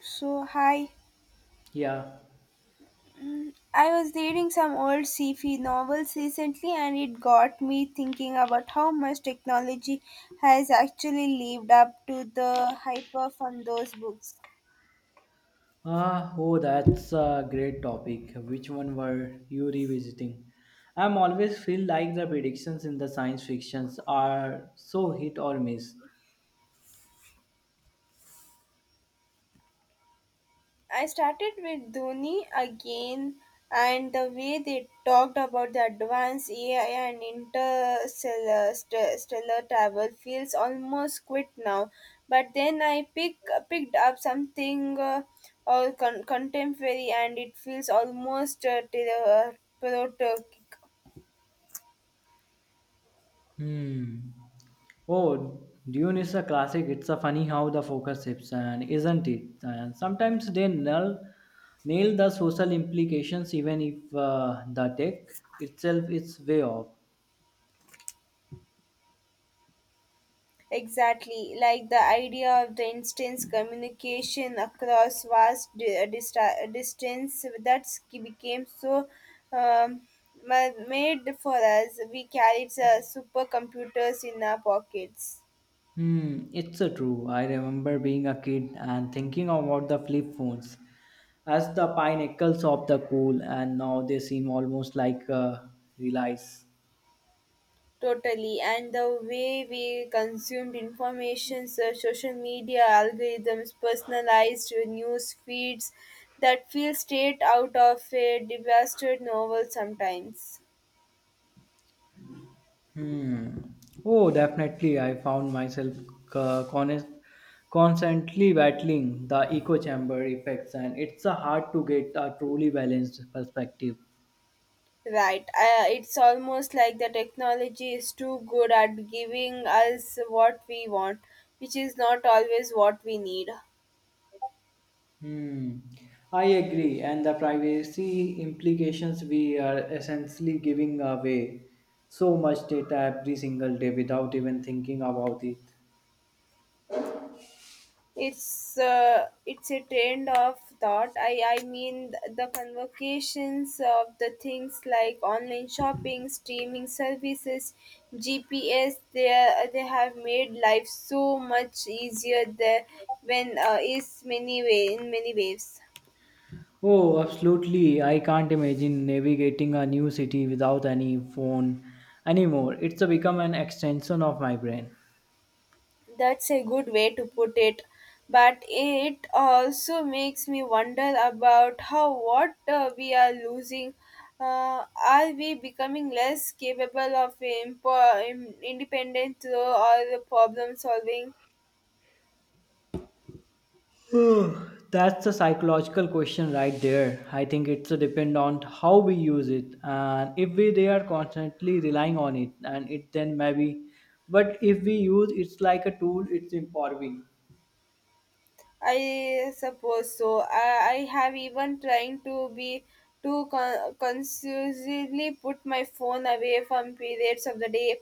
So, hi. Yeah. I was reading some old sci-fi novels recently and it got me thinking about how much technology has actually lived up to the hype from those books. Oh, that's a great topic. Which one were you revisiting? I'm always feel like the predictions in the science fictions are so hit or miss. I started with Dhoni again and the way they talked about the advanced AI and interstellar stellar travel feels almost quit now. But then I pick, Picked up something all contemporary and it feels almost to the. Hmm. Oh, Dune is a classic. It's a funny how the focus shifts, and isn't it? And sometimes they nail the social implications, even if the tech itself is way off. Exactly, like the idea of the instance communication across vast distance that became so um, made for us. We carried supercomputers in our pockets. Hmm, it's true. I remember being a kid and thinking about the flip phones as the pinnacles of the cool, and now they seem almost like relies. Totally, and the way we consumed information, so social media algorithms, personalized news feeds that feel straight out of a devastated novel sometimes. Hmm. Oh, definitely. I found myself uh, con- constantly battling the echo chamber effects, and it's hard to get a truly balanced perspective. Right. It's almost like the technology is too good at giving us what we want, which is not always what we need. Hmm. I agree, and the privacy implications we are essentially giving away so much data every single day without even thinking about it. It's a trend of thought. I mean the convocations of the things like online shopping, streaming services, GPS. They have made life so much easier there when is many way in many ways. Oh, absolutely. I can't imagine navigating a new city without any phone anymore. It's become an extension of my brain. That's a good way to put it. But it also makes me wonder about how what we are losing. Are we becoming less capable of independent though, or the problem solving? That's the psychological question right there. I think it's a depend on how we use it, and if we they are constantly relying on it, and it then maybe, but if we use it's like a tool, it's empowering. I suppose so. I have even trying to be to consciously put my phone away from periods of the day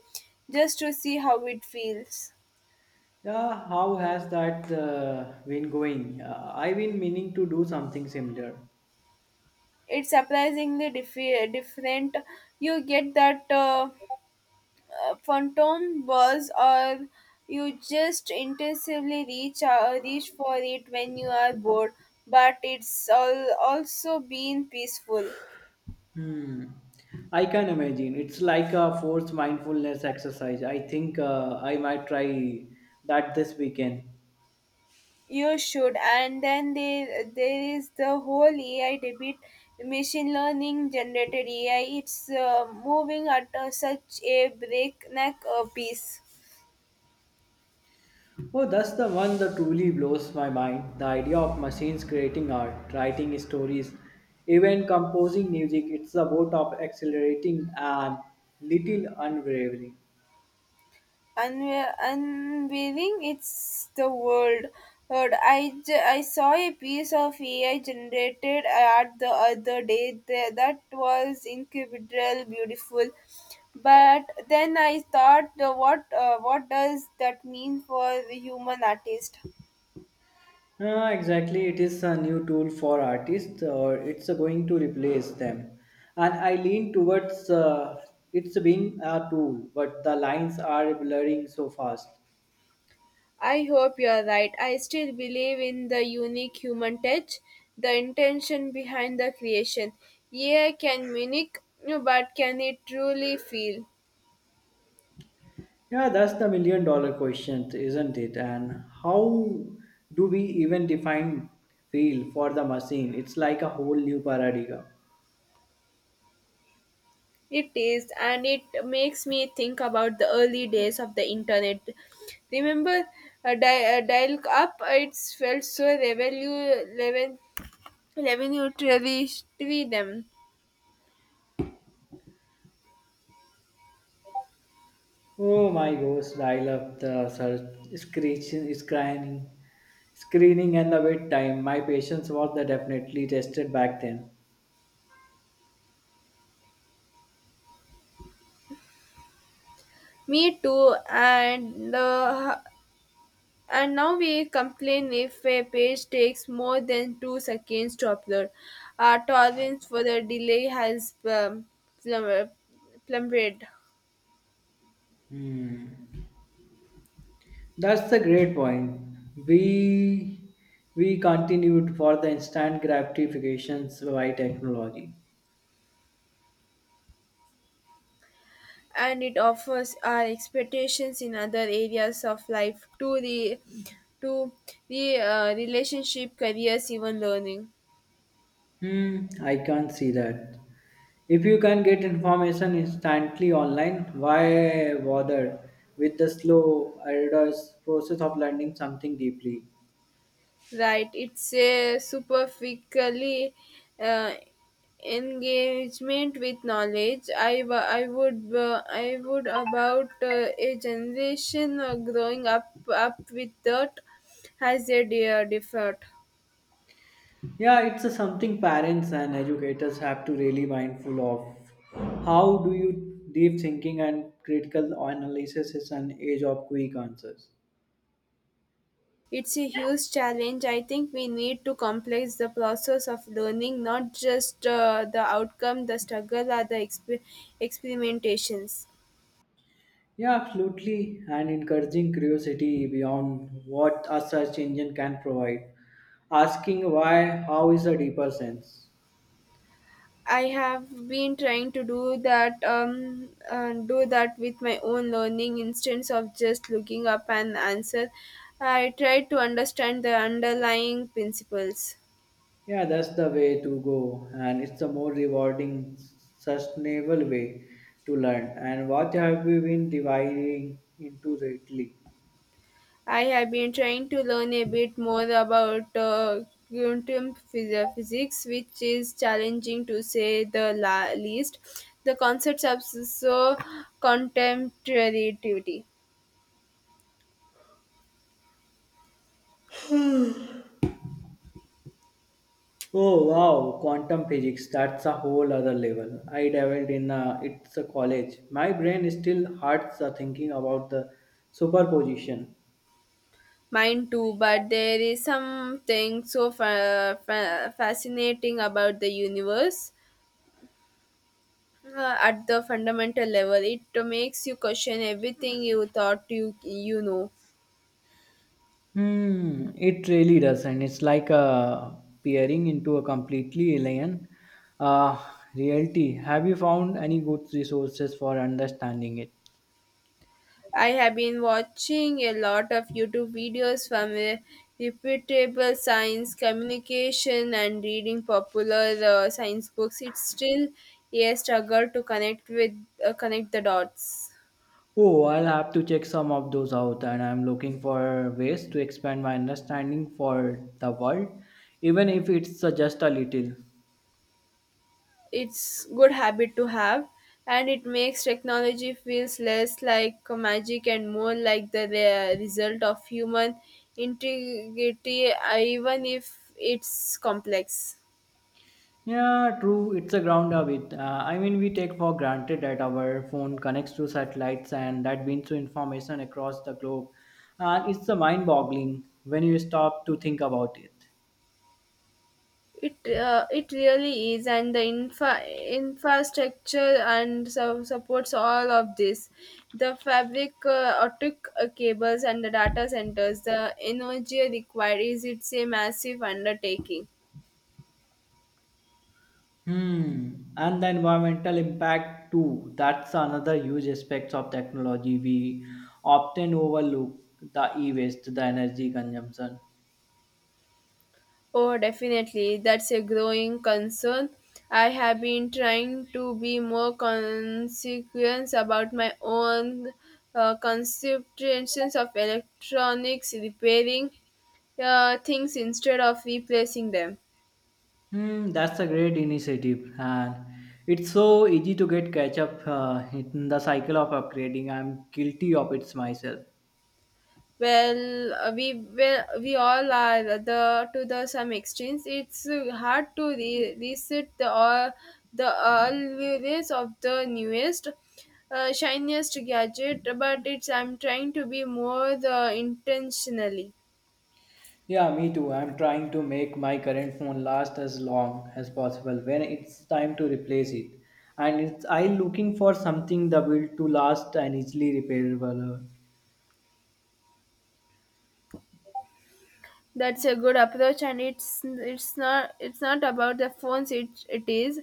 just to see how it feels. Yeah, how has that been going? I've been meaning to do something similar. It's surprisingly different. You get that phantom buzz, or you just intensively reach for it when you are bored. But it's all also been peaceful. Hmm. I can imagine. It's like a forced mindfulness exercise. I think I might try that this weekend. You should, and then there is the whole AI debate, machine learning generated AI. It's moving at such a breakneck pace. Oh, that's the one that truly blows my mind. The idea of machines creating art, writing stories, even composing music, it's the boat of accelerating and little unwavering. Unveiling it's the world. Heard. I saw a piece of AI generated art the other day that was incredible, beautiful. But then I thought, what does that mean for the human artist? Ah, exactly, it is a new tool for artists, or it's going to replace them. And I lean towards it's being a tool, but the lines are blurring so fast. I hope you're right. I still believe in the unique human touch, the intention behind the creation. AI can mimic, but can it truly feel? Yeah, that's the million-dollar question, isn't it? And how do we even define feel for the machine? It's like a whole new paradigm. It is, and it makes me think about the early days of the internet. Remember, dial up, it felt so revolutionary to them. Oh my gosh, dial up the search, screeching, screening, screening, and the wait time. My patience was the definitely tested back then. Me too, and the and now we complain if a page takes more than 2 seconds to upload. Our tolerance for the delay has plum- plummeted. That's the great point. We we continued for the instant gratifications by technology. And it offers our expectations in other areas of life to to the relationship careers even learning. Hmm, I can't see that. If you can get information instantly online, why bother with the slow, arduous process of learning something deeply? Right, it's a superficially uh, engagement with knowledge. I wa- i would uh, I would about a generation growing up with that has a dear differed. Yeah, it's a something parents and educators have to really mindful of. How do you deep thinking and critical analysis is an age of quick answers? It's a huge challenge. I think we need to complex the process of learning, not just the outcome, the struggle, or the experimentations. Yeah, absolutely. And encouraging curiosity beyond what a search engine can provide. Asking why, how is a deeper sense. I have been trying to do that, do that with my own learning instead of just looking up an answer. I try to understand the underlying principles. Yeah, that's the way to go. And it's a more rewarding, sustainable way to learn. And what have we been dividing into lately? I have been trying to learn a bit more about quantum physics, which is challenging to say the least. The concepts are so contemporary. Oh wow, quantum physics, that's a whole other level. I dabbled in a, it's a college. My brain still hurts thinking about the superposition. Mine too, but there is something so fascinating about the universe. Uh, at the fundamental level, it makes you question everything you thought you know. Hmm, it really does, not it's like peering into a completely alien uh, reality. Have you found any good resources for understanding it? I have been watching a lot of YouTube videos from reputable science communication and reading popular science books. It's still a struggle to connect with connect the dots. Oh, I'll have to check some of those out, and I'm looking for ways to expand my understanding for the world, even if it's just a little. It's good habit to have, and it makes technology feels less like magic and more like the result of human integrity, even if it's complex. Yeah, true. It's a ground a it. I mean, we take for granted that our phone connects to satellites and that brings to information across the globe. And it's a mind-boggling when you stop to think about it. It really is, and the infrastructure and so supports all of this. The fabric, optic cables, and the data centers. The energy required is it's a massive undertaking. Hmm. And the environmental impact too. That's another huge aspect of technology we often overlook. The e-waste, the energy consumption. Oh, definitely, that's a growing concern. I have been trying to be more consequent about my own conceptions of electronics repairing things instead of replacing them. Hmm, that's a great initiative, and it's so easy to get catch up in the cycle of upgrading. I'm guilty of it myself. Well, we all are the to the some extremes. It's hard to reset the all the always of the newest, shiniest gadget. But it's I'm trying to be more the intentionally. Yeah, me too. I'm trying to make my current phone last as long as possible when it's time to replace it, and it's I looking for something that will to last and easily repairable. That's a good approach, and it's not about the phones. It is,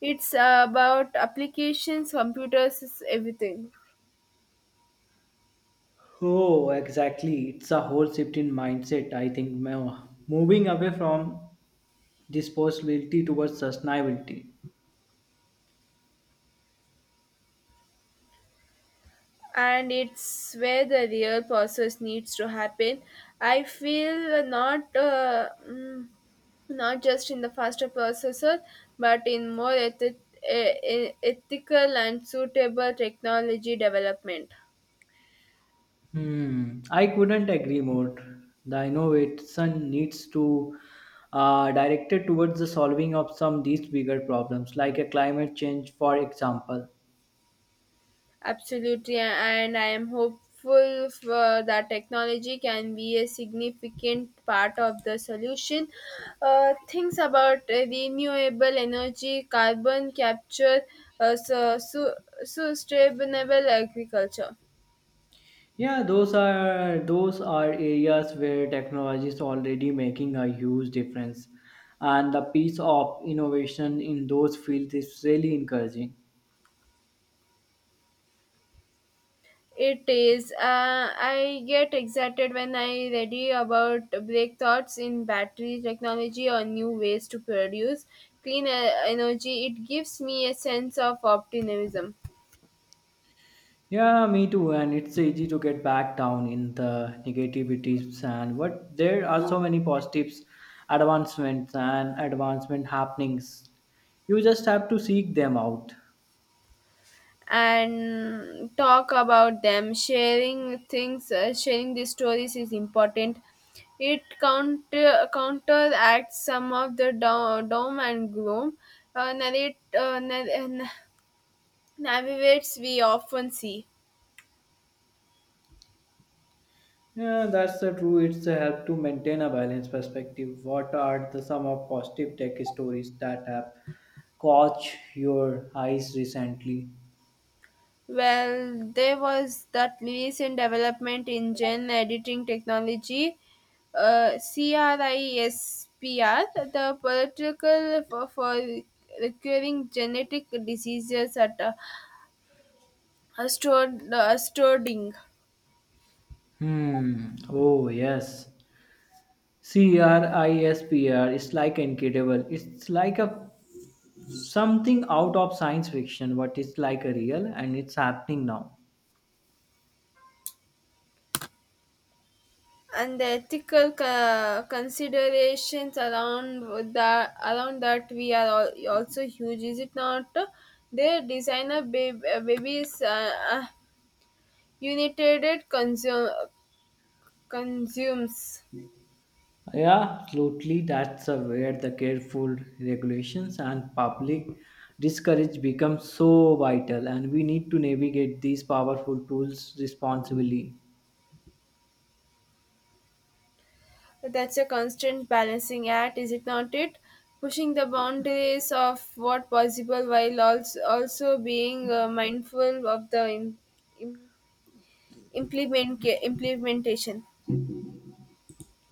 it's about applications, computers, everything. Oh, exactly. It's a whole shift in mindset. I think moving away from disposability towards sustainability. And it's where the real process needs to happen, I feel, not not just in the faster processor but in more ethical and suitable technology development. Hmm, I couldn't agree more. The innovation needs to directed towards the solving of some these bigger problems, like a climate change, for example. Absolutely, and I am hopeful for that technology can be a significant part of the solution. Things about renewable energy, carbon capture, uh, su- su- sustainable agriculture. Yeah, those are areas where technology is already making a huge difference, and the piece of innovation in those fields is really encouraging. It is. I get excited when I read about breakthroughs in battery technology or new ways to produce clean energy. It gives me a sense of optimism. Yeah, me too. And it's easy to get back down in the negativities and but there are so many positives, advancements and advancement happenings. You just have to seek them out. And talk about them, sharing these stories is important. It counteracts some of the doom and gloom uh, narrate uh, na- na- navigates we often see. Yeah, that's the true. It's a help to maintain a balanced perspective. What are the some of positive tech stories that have caught your eyes recently? Well, there was that recent development in gene editing technology, CRISPR, the political for curing genetic diseases at storing. Hmm. Oh yes. CRISPR is like incredible. It's like a Something out of science fiction, but it's like a real and it's happening now. And the ethical considerations around the around that we are also huge, is it not? Their designer babies, united consumes. Yeah, absolutely. That's where the careful regulations and public discourage become so vital, and we need to navigate these powerful tools responsibly. That's a constant balancing act, is it not? It pushing the boundaries of what possible while also being mindful of the im- implementation.